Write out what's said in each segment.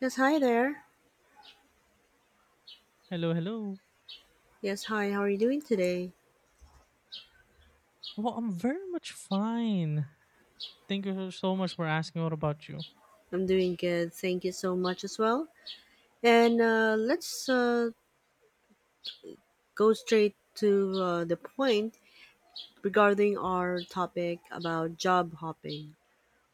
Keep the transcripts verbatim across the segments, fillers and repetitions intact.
Yes, hi there. Hello, hello. Yes, hi, how are you doing today? Well, I'm very much fine. Thank you so much for asking. What about you? I'm doing good. Thank you so much as well. And uh, let's uh, go straight to uh, the point regarding our topic about job hopping.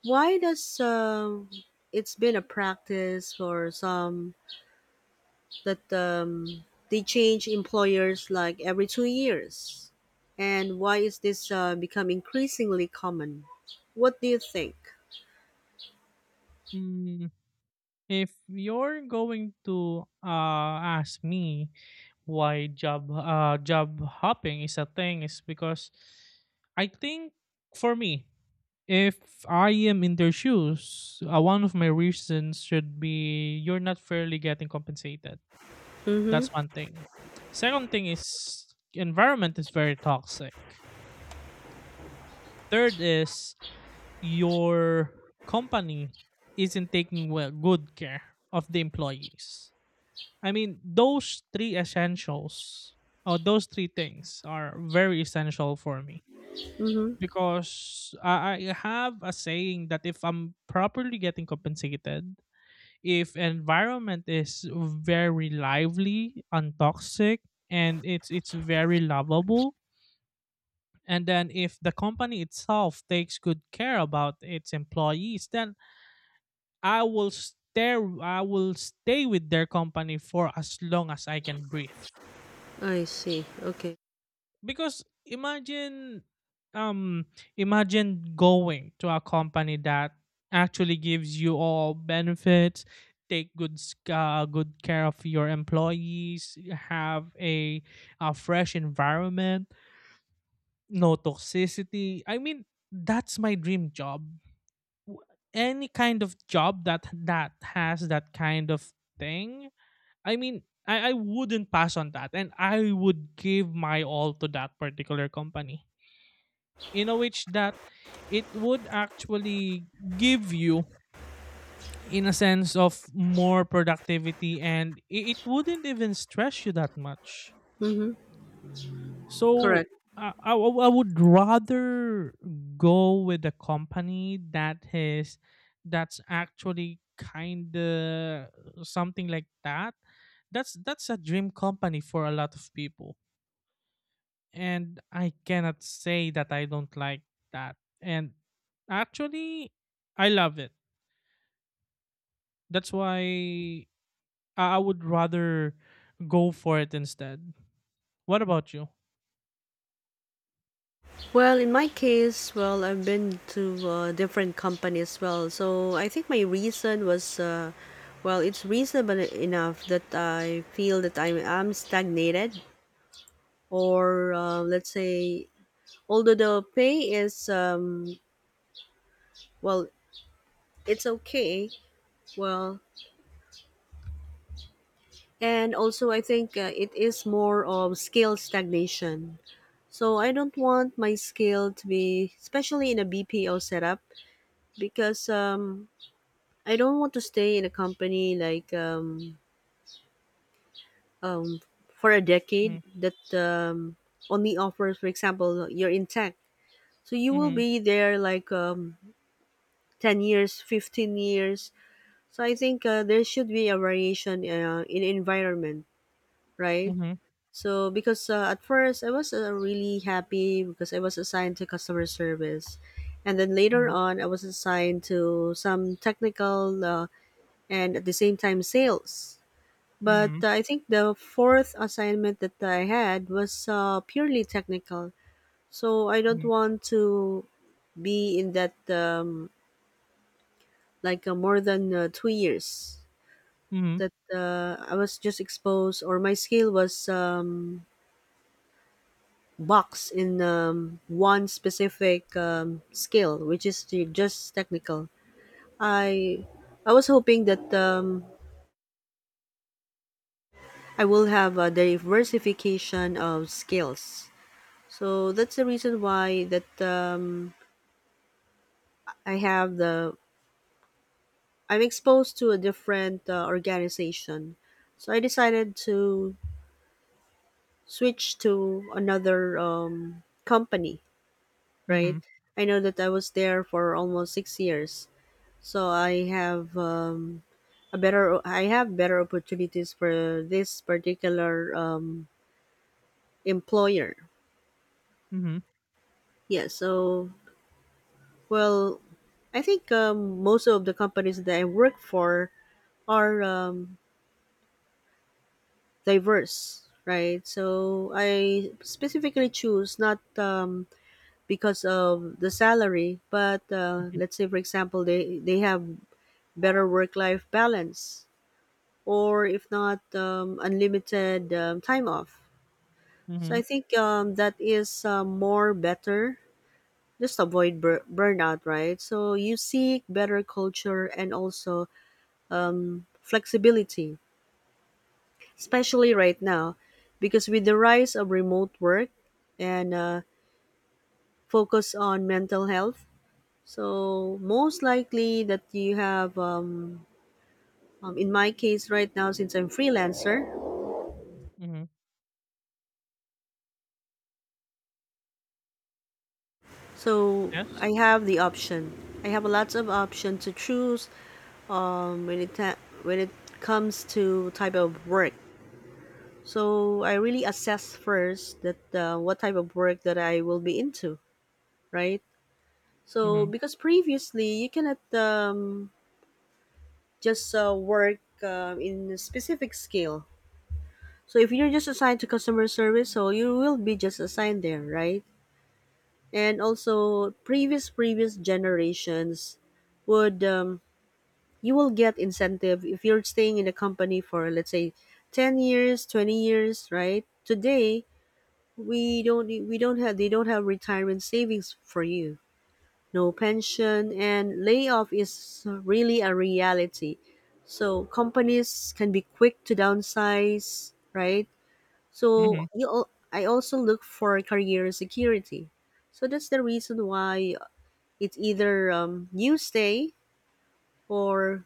Why does um it's been a practice for some that um, they change employers like every two years? And why is this uh, become increasingly common? What do you think? Mm, if you're going to uh, ask me why job uh, job hopping is a thing, is because I think for me, if I am in their shoes, uh, one of my reasons should be you're not fairly getting compensated. That's Mm-hmm. one thing. Second thing is environment is very toxic. Third is your company isn't taking well, good care of the employees. I mean, those three essentials or those three things are very essential for me Mm-hmm. because I I have a saying that if I'm properly getting compensated, if environment is very lively, untoxic, and it's it's very lovable, and then if the company itself takes good care about its employees, then I will stay I will stay with their company for as long as I can breathe. I see. Okay. Because imagine um imagine going to a company that actually gives you all benefits, take good s- uh, good care of your employees, have a, a fresh environment, no toxicity. I mean, that's my dream job. W- Any kind of job that that has that kind of thing. I mean, I, I wouldn't pass on that. And I would give my all to that particular company, in a which that it would actually give you in a sense of more productivity, and it, it wouldn't even stress you that much. Mm-hmm. So Correct. I, I, w- I would rather go with a company that is that's actually kind of something like that. That's that's a dream company for a lot of people, and I cannot say that I don't like that. And actually, I love it. That's why I I would rather go for it instead. What about you? Well, in my case, well, I've been to uh, different companies as well. So I think my reason was, uh, well, it's reasonable enough that I feel that I'm, I'm stagnated, or uh, let's say, although the pay is, um, well, it's okay. Well, and also I think uh, it is more of skill stagnation. So I don't want my skill to be, especially in a B P O setup, because um, I don't want to stay in a company like um, um, for a decade Mhm, that um, only offers, for example, you're in tech. So you will mhm, be there like um, ten years, fifteen years. So I think uh, there should be a variation uh, in environment, right? mhm, So because uh, at first I was uh, really happy because I was assigned to customer service. And then later mhm, on, I was assigned to some technical uh, and at the same time sales. But uh, I think the fourth assignment that I had was uh, purely technical. So I don't mhm, want to be in that um, like uh, more than uh, two years mhm, that uh, I was just exposed or my skill was um, boxed in um, one specific um, skill, which is to just technical. I I was hoping that um, I will have a diversification of skills. So that's the reason why that um, I have the I'm exposed to a different uh, organization. So I decided to switch to another um, company. Right. mhm, I know that I was there for almost six years. So I have um, a better I have better opportunities for this particular um, employer. mhm, mhm, Yeah. So well, I think um, most of the companies that I work for are um, diverse, right? So I specifically choose not um, because of the salary, but uh, mhm, let's say, for example, they, they have better work life balance, or if not, um, unlimited um, time off. So I mhm, think um, that is uh, more better. Just avoid bur- burnout, right? So you seek better culture and also flexibility, especially right now, because with the rise of remote work and uh, focus on mental health. So most likely that you have um, um, in my case right now, since I'm freelancer, mhm. so I Yes. have the option, I have lots of option to choose um, when it ta- when it comes to type of work. So I really assess first that uh, what type of work that I will be into, right? So Mhm, because previously you cannot um, just uh, work uh, in a specific skill. So if you're just assigned to customer service, so you will be just assigned there, right? And also previous previous generations would um, you will get incentive if you're staying in a company for let's say ten years, twenty years, right? Today we don't we don't have they don't have retirement savings for you, no pension, and layoff is really a reality. So companies can be quick to downsize, right? mhm, So you, al- I also look for career security. So that's the reason why it's either um, you stay or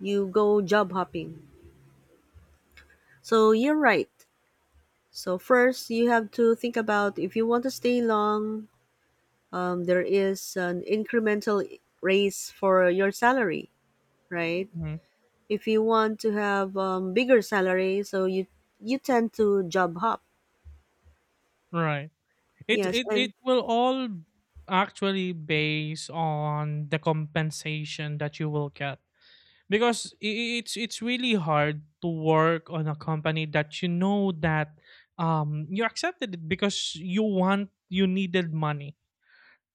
you go job hopping. So you're right. So first, you have to think about if you want to stay long. Um, there is an incremental raise for your salary, right? mhm. If you want to have um, bigger salary, so you you tend to job hop. Right. It Yes. it it And will all actually base on the compensation that you will get, because i- it's it's really hard to work on a company that you know that um you accepted it because you want you needed money,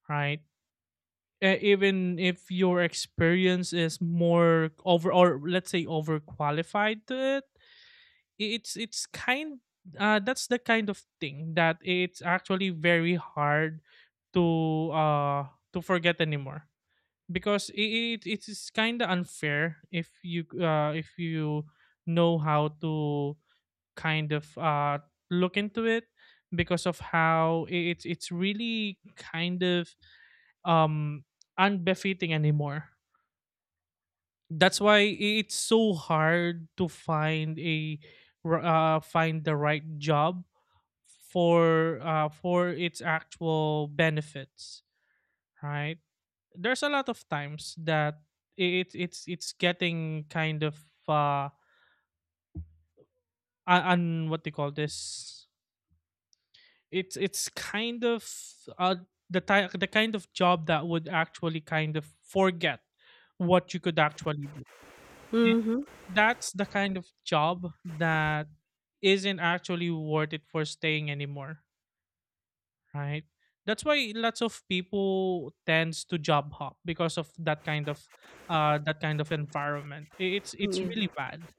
right? E- even if your experience is more over, or let's say overqualified to it, I- it's it's kind uh that's the kind of thing that it's actually very hard to uh to forget anymore, because it, it's kind of unfair if you uh if you know how to kind of uh look into it, because of how i- it's it's really kind of um unbefitting anymore. That's why i- it's so hard to find a r- uh find the right job for uh for its actual benefits, right? There's a lot of times that i- it it's it's getting kind of uh un un- what they call this. It's it's kind of uh the ty- the kind of job that would actually kind of forget what you could actually do. And mm-hmm. that's the kind of job that isn't actually worth it for staying anymore, right? That's why lots of people tends to job hop, because of that kind of uh, that kind of environment. I- It's it's Yeah, really bad.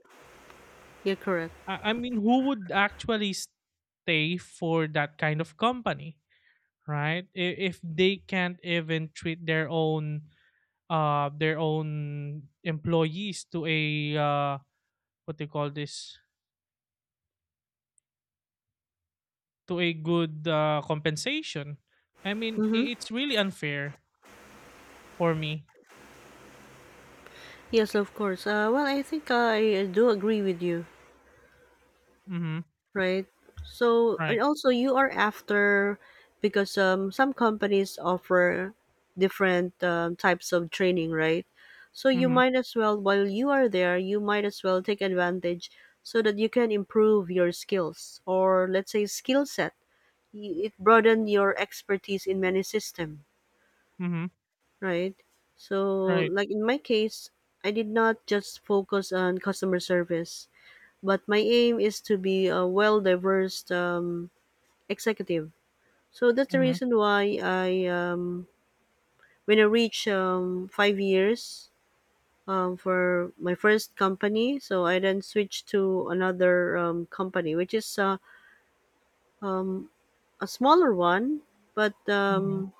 you're correct. I, I mean, who would actually stay for that kind of company, right? I- If they can't even treat their own uh their own employees to a uh, what they call this to a good uh, compensation. I mean, Mm-hmm. i- it's really unfair for me. Yes, of course. Uh, well, I think I do agree with you, Mm-hmm. right? So and Right. also you are after, because um, some companies offer different um, types of training, right? So you Mm-hmm. might as well while you are there, you might as well take advantage, so that you can improve your skills, or let's say skill set. Y- it broaden your expertise in many system, Mhm. right? So Right. like in my case, I did not just focus on customer service, but my aim is to be a well diverse um, executive. So that's the Mhm. reason why i um, when I reach um, five years um, for my first company, so I then switched to another um, company, which is uh, um, a smaller one, but Mhm. um,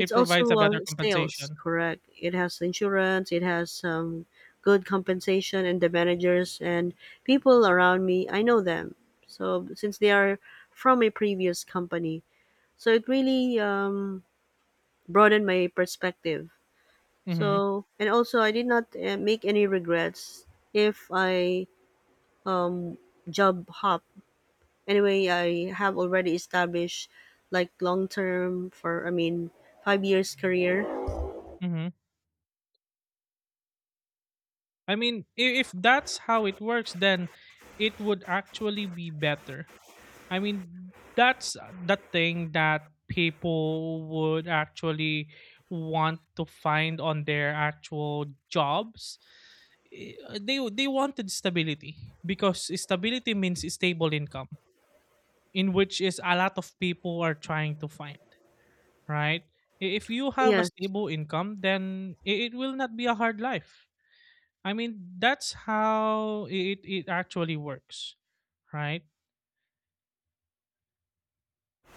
it's provides a also better uh, sales, compensation. correct? It has insurance, it has um, good compensation, and the managers and people around me, I know them. So since they are from a previous company, so it really um, broadened my perspective. Mhm. So and also I did not uh, make any regrets if I um, job hop. Anyway, I have already established like long term for I mean five years career. Mhm. I mean, i- if that's how it works, then it would actually be better. I mean, that's the thing that people would actually want to find on their actual jobs. I- uh, They they wanted stability, because stability means stable income, in which is a lot of people are trying to find, right? I- If you have a Yes. stable income, then i- it will not be a hard life. I mean, that's how i- it it actually works, right?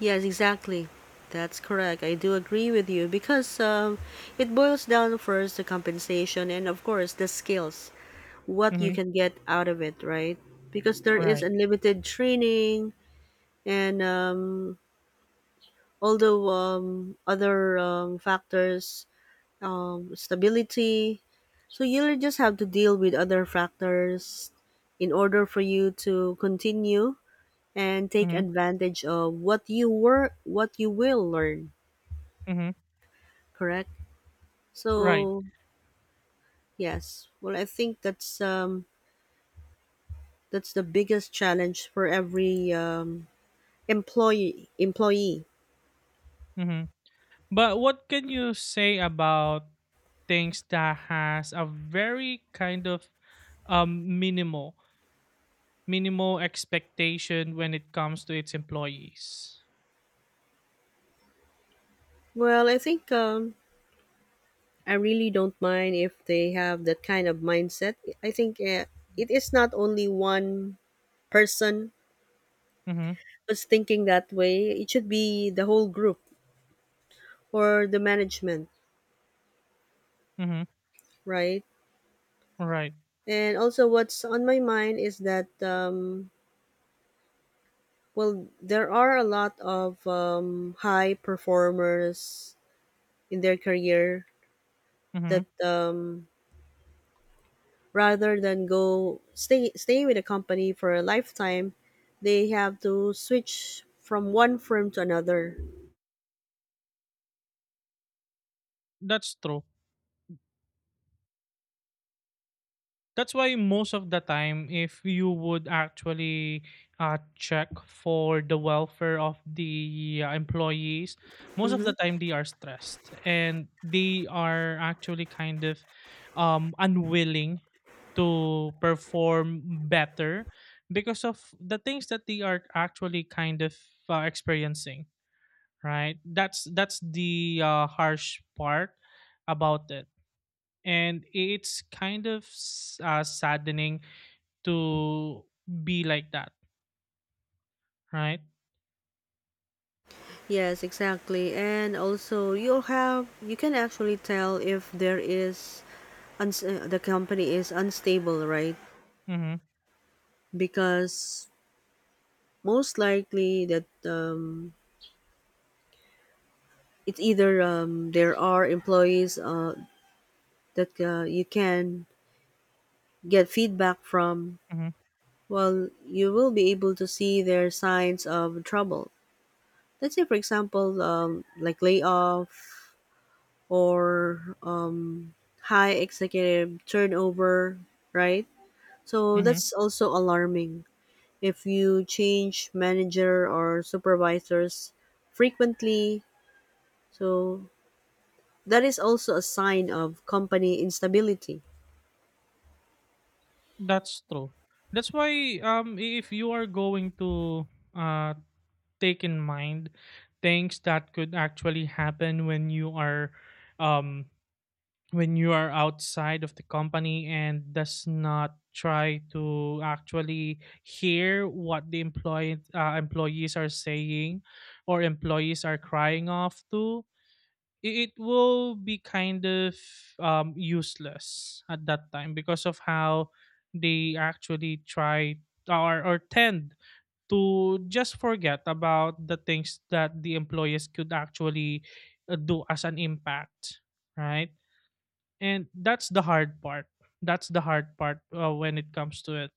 Yes, exactly. That's correct. I do agree with you because um, it boils down first to compensation and, of course, the skills, what you Mm-hmm. can get out of it, right? Because there is Right. unlimited training and um, although um, other um, factors, um, stability. So you'll just have to deal with other factors in order for you to continue and take Mm-hmm. advantage of what you were, what you will learn. Mm-hmm. Correct. Right. So yes, well, I think that's um that's the biggest challenge for every um employee employee Mm-hmm. But what can you say about things that has a very kind of um minimal minimal expectation when it comes to its employees? Well, I think um I really don't mind if they have that kind of mindset. I think uh, it is not only one person Mm-hmm. was thinking that way, it should be the whole group or the management, Mm-hmm. right? Right. And also what's on my mind is that um well, there are a lot of um, high performers in their career Mm-hmm. that um, rather than go stay stay with a company for a lifetime, they have to switch from one firm to another. That's true. That's why most of the time, if you would actually uh, check for the welfare of the uh, employees, most of Mm-hmm. the time they are stressed and they are actually kind of um, unwilling to perform better, because of the things that they are actually kind of uh, experiencing. Right? That's that's the uh, harsh part about it, and it's kind of s- uh, saddening to be like that, right? Yes, exactly. And also, you'll have you can actually tell if there is uns- uh, the company is unstable, right? Mhm. Because most likely that um, it's either um, there are employees uh, that uh, you can get feedback from. Mhm. Well, you will be able to see their signs of trouble, let's say for example um, like layoff or um, high executive turnover, right? So Mhm. that's also alarming if you change manager or supervisors frequently, so that is also a sign of company instability. That's true. That's why, um if you are going to uh take in mind things that could actually happen when you are um when you are outside of the company, and does not try to actually hear what the employee uh, employees are saying, or employees are crying off to, it will be kind of um, useless at that time, because of how they actually try, or, or tend to just forget about the things that the employees could actually uh, do as an impact, right? And that's the hard part, that's the hard part uh, when it comes to it.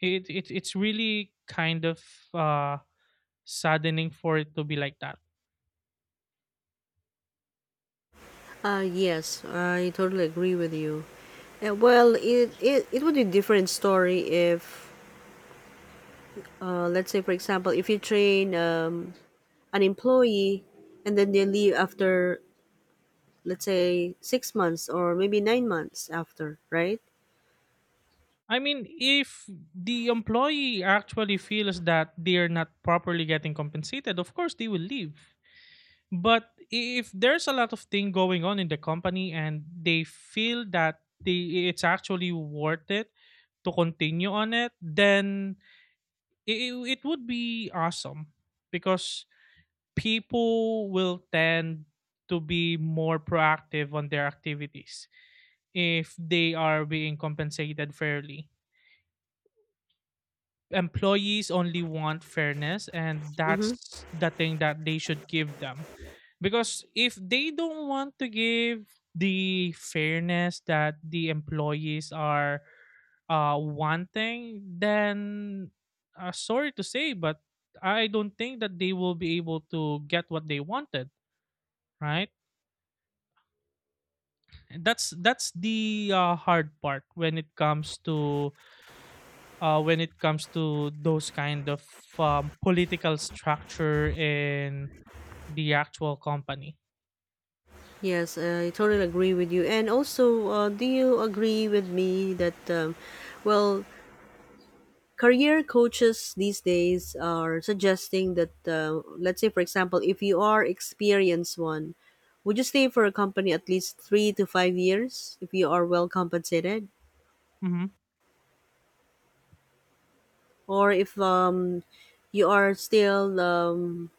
it it it's really kind of uh saddening for it to be like that. Uh, yes, I totally agree with you. Uh, well, it, it, it would be a different story if, uh, let's say, for example, if you train um, an employee and then they leave after, let's say, six months or maybe nine months after, right? I mean, if the employee actually feels that they're not properly getting compensated, of course they will leave. But if there's a lot of thing going on in the company and they feel that they, it's actually worth it to continue on it, then it, it would be awesome, because people will tend to be more proactive on their activities if they are being compensated fairly. Employees only want fairness, and Mm-hmm. that's the thing that they should give them, because if they don't want to give the fairness that the employees are uh wanting, then, uh, sorry to say, but I don't think that they will be able to get what they wanted, right? That's that's the uh, hard part when it comes to, uh, when it comes to those kind of um, political structure in the actual company. Yes, I totally agree with you. And also, uh, do you agree with me that, um, well, career coaches these days are suggesting that uh, let's say for example if you are experienced one, would you stay for a company at least three to five years if you are well compensated, Hmm. or if um, you are still um,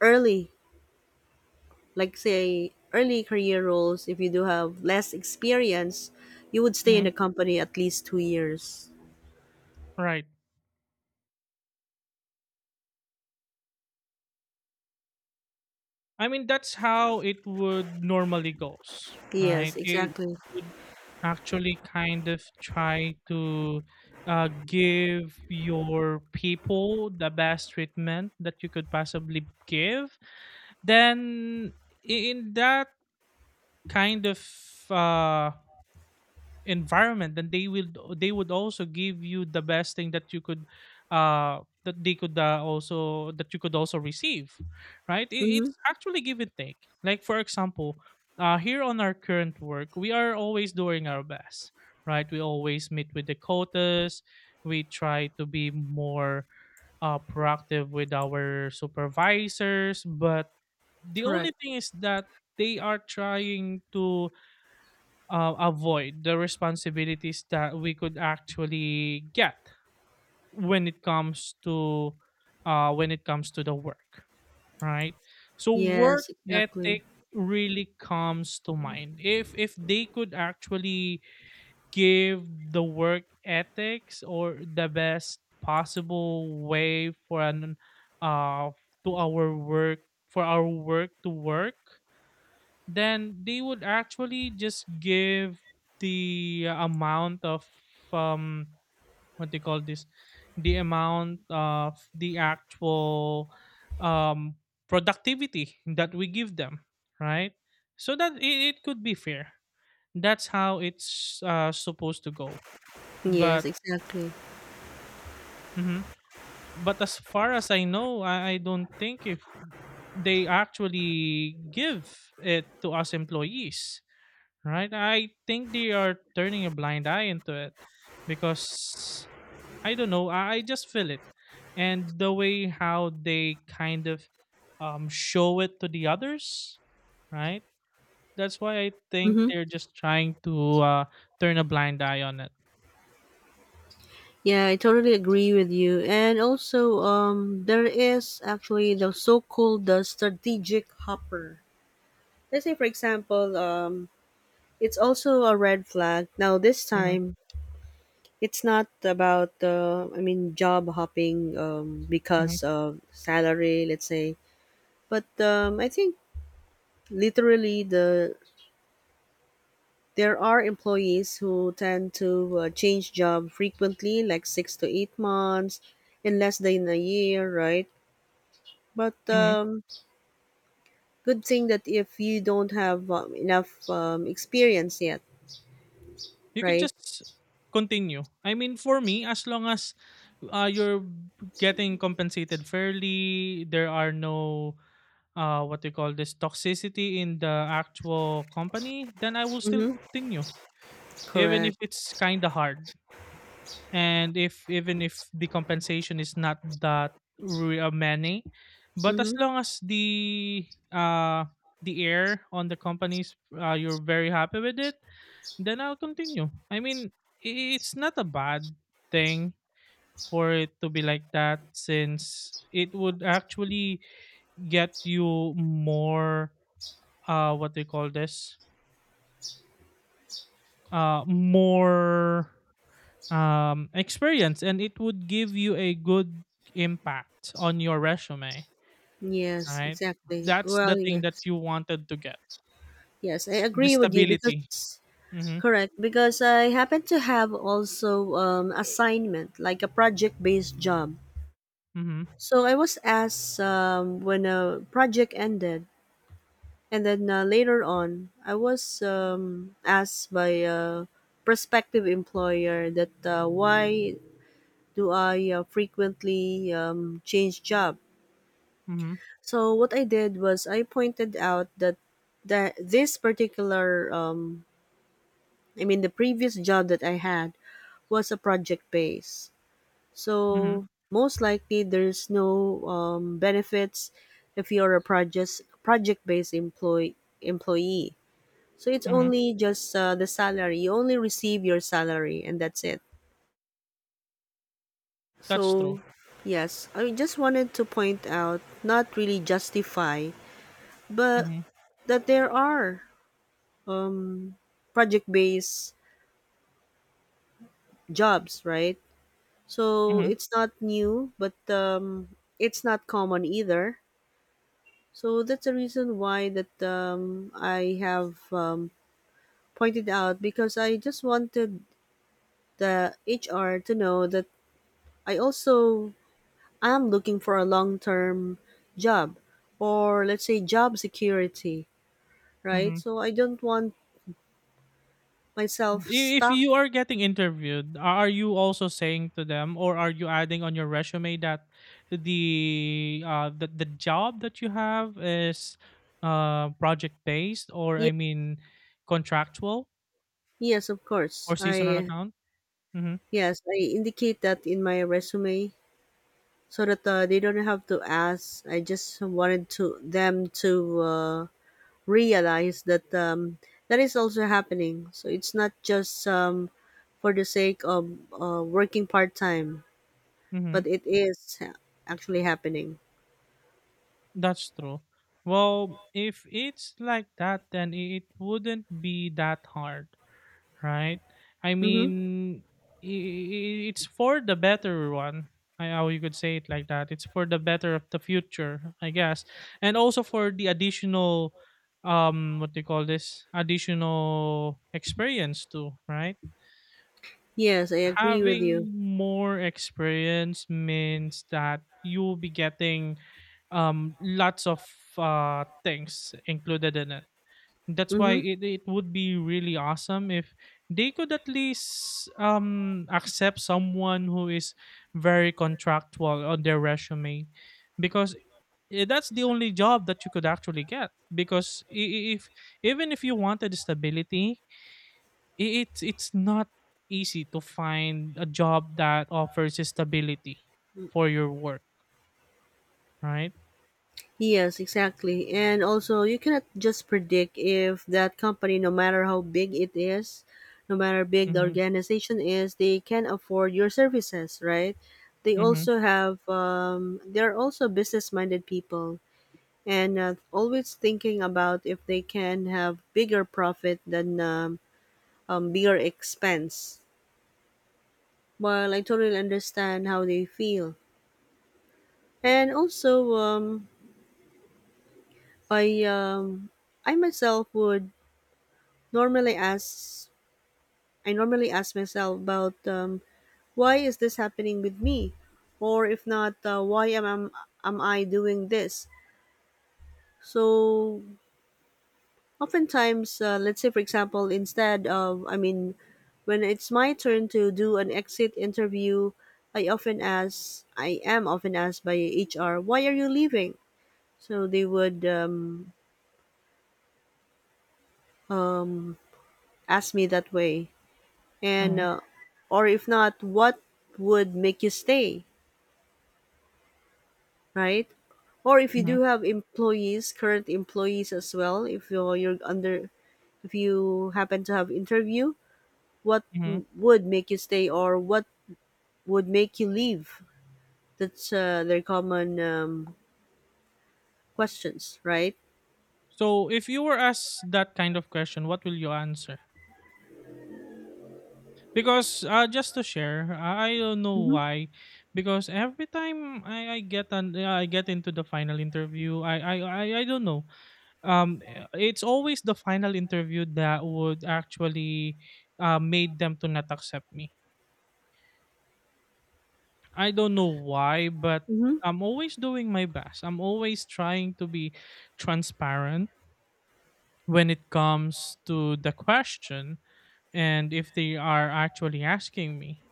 early, like say early career roles, if you do have less experience, you would stay in Hmm. the company at least two years. Right. I mean, that's how it would normally goes, right? Yes, It exactly. would actually kind of try to uh, give your people the best treatment that you could possibly give. Then, i- in that kind of uh, environment, then they will they would also give you the best thing that you could uh that they could uh, also that you could also receive, right? it, Mm-hmm. it's actually give and take, like, for example, uh here on our current work we are always doing our best, right? We always meet with the quotas. We try to be more uh proactive with our supervisors, but the Correct. only thing is that they are trying to uh, avoid the responsibilities that we could actually get when it comes to, uh, when it comes to the work, right? So work Yes, exactly. ethic really comes to mind. If if they could actually give the work ethics or the best possible way for an uh to our work for our work to work, then they would actually just give the amount of um what they call this the amount of the actual um productivity that we give them, right? So that it, it could be fair. That's how it's uh, supposed to go, Yes, but exactly. mhm. but as far as I know, I, I don't think if they actually give it to us employees, right? I think they are turning a blind eye into it because I don't know. I I just feel it, and the way how they kind of um, show it to the others, right? That's why I think Mm-hmm. they're just trying to uh, turn a blind eye on it. Yeah, I totally agree with you. And also, um, there is actually the so-called the strategic hopper. Let's say, for example, um, it's also a red flag. Now, this Hmm. time, it's not about uh, I mean, job hopping um, because of salary, let's say. But um, I think literally the there are employees who tend to uh, change job frequently, like six to eight monts, in less than a year, right? But Hmm. um, good thing that if you don't have um, enough um, experience yet, You could right? just continue. I mean, for me, as long as uh, you're getting compensated fairly, there are no uh, what do you call this toxicity in the actual company, then I will still Mm-hmm. continue, even Correct. if it's kind of hard. And if even if the compensation is not that re- uh, many, but as Mm-hmm. long as the uh the air on the companies, uh, you're very happy with it, then I'll continue. I mean, i- it's not a bad thing for it to be like that, since it would actually get you more uh what they call this? Uh more um experience, and it would give you a good impact on your resume, Yes, right? exactly. That's the Well, thing yes, that you wanted to get. yes, I The agree with you stability. because Mhm. correct because I happen to have also um, assignment like a project-based job. Mhm. So I was asked um, when a project ended, and then uh, later on, I was um, asked by a prospective employer that uh, why do I uh, frequently um, change job? Mhm. So what I did was I pointed out that that this particular um, I mean the previous job that I had was a project base. Mhm. So most likely there's no um, benefits if you're a project project based employee employee. So it's Mhm. only just uh, the salary. You only receive your salary and that's it. That's true. So, yes, I just wanted to point out, not really justify, but Mhm. that there are um, project based jobs, right? So Mhm. it's not new, but um, it's not common either. So that's the reason why that um, I have um, pointed out because I just wanted the H R to know that I also am looking for a long term job, or let's say job security, right? Mhm. So I don't want myself If stuck. you are getting interviewed, are you also saying to them, or are you adding on your resume that the uh, the, the job that you have is uh, project based, or Ye- I mean, contractual, yes, of course. or seasonal I account? Mm-hmm. Yes, I indicate that in my resume so that uh, they don't have to ask. I just wanted to them to uh, realize that um, that is also happening. So it's not just um, for the sake of uh, working part time, Mm-hmm. but it is actually happening. That's true. Well, if it's like that, then it wouldn't be that hard, right? I Mm-hmm. mean, i- i- it's for the better one. I how you could say it like that. It's for the better of the future, I guess, and also for the additional, um, what do you call this? Additional experience too, right? Yes, I agree with you. Having more experience means that you will be getting um lots of uh things included in it. That's why Mm-hmm. it, it would be really awesome if they could at least um accept someone who is very contractual on their resume, because i- that's the only job that you could actually get. Because I- I- if even if you wanted stability, i- it's it's not easy to find a job that offers stability for your work, right? Yes, exactly. And also, you cannot just predict if that company, no matter how big it is, no matter big the Mm-hmm. organization is, they can afford your services, right? They Mm-hmm. also have, um, they're also business minded people and uh, always thinking about if they can have bigger profit than um, um, bigger expense. Well, I totally understand how they feel. And also, um, I, um, I myself would normally ask I normally ask myself about um, why is this happening with me, or if not, uh, why am am am I doing this? So oftentimes, uh, let's say for example, instead of I mean, when it's my turn to do an exit interview, I often ask I am often asked by H R, why are you leaving? So they would um, um, ask me that way, and Mm-hmm. uh, or if not, what would make you stay? Right? Or if you Mm-hmm. do have employees, current employees as well, if you're, you're under, if you happen to have interview, what Hmm. m- would make you stay or what would make you leave? That's uh, their common um, questions, right? So, if you were asked that kind of question, what will you answer? Because, uh, just to share, I don't know Hmm. why. Because every time I, I get an uh, I get into the final interview, I I, I I don't know. Um, eh, it's always the final interview that would actually uh, made them to not accept me. I don't know why, but Hmm. I'm always doing my best. I'm always trying to be transparent when it comes to the question and if they are actually asking me.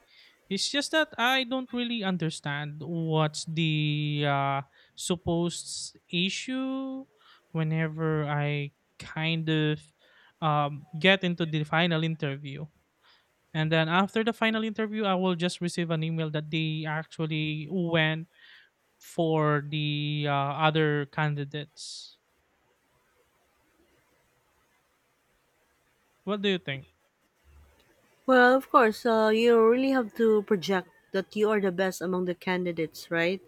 It's just that I don't really understand what's the uh, supposed issue whenever I kind of um, get into the final interview. And then after the final interview, I will just receive an email that they actually went for the uh, other candidates. What do you think? Well, of course, uh, you really have to project that you are the best among the candidates, right?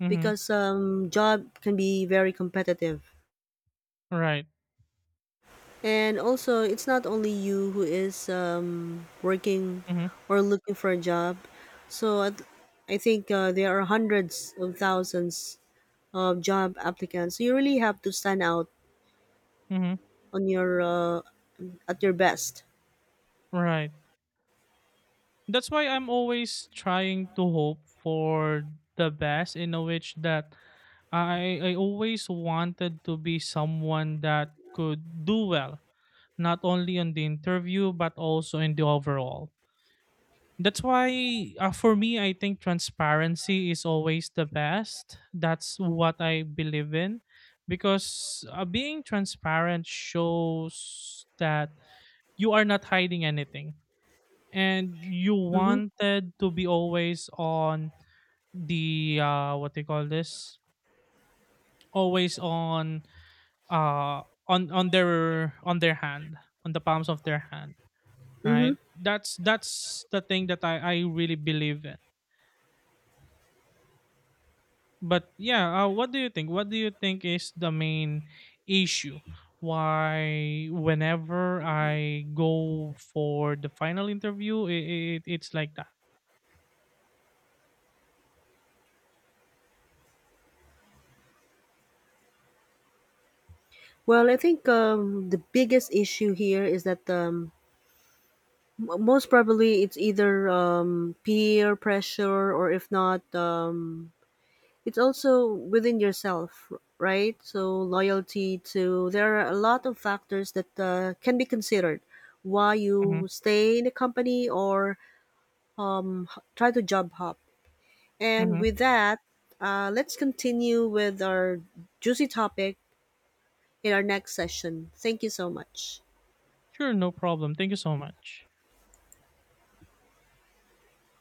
Mm-hmm. Because um, job can be very competitive. Right. And also, it's not only you who is um, working Mm-hmm. or looking for a job. So I, I think uh, there are hundreds of thousands of job applicants. So you really have to stand out Mm-hmm. on your uh, at your best. Right. That's why I'm always trying to hope for the best, in a which that I I always wanted to be someone that could do well, not only on the interview but also in the overall. That's why, uh, for me I think transparency is always the best. That's what I believe in, because uh, being transparent shows that you are not hiding anything, and you Mm-hmm. wanted to be always on the uh what they call this always on uh on on their on their hand on the palms of their hand, Mm-hmm. right? That's that's the thing that i i really believe in. But yeah, uh, what do you think? What do you think is the main issue? Why, whenever I go for the final interview, it, it it's like that. Well, I think um, the biggest issue here is that um, m- most probably it's either um, peer pressure or if not um, it's also within yourself, right? So loyalty to there are a lot of factors that uh, can be considered why you Hmm. stay in a company or um, h- try to job hop. And Hmm. with that, uh, let's continue with our juicy topic in our next session. Thank you so much. Sure, no problem. Thank you so much.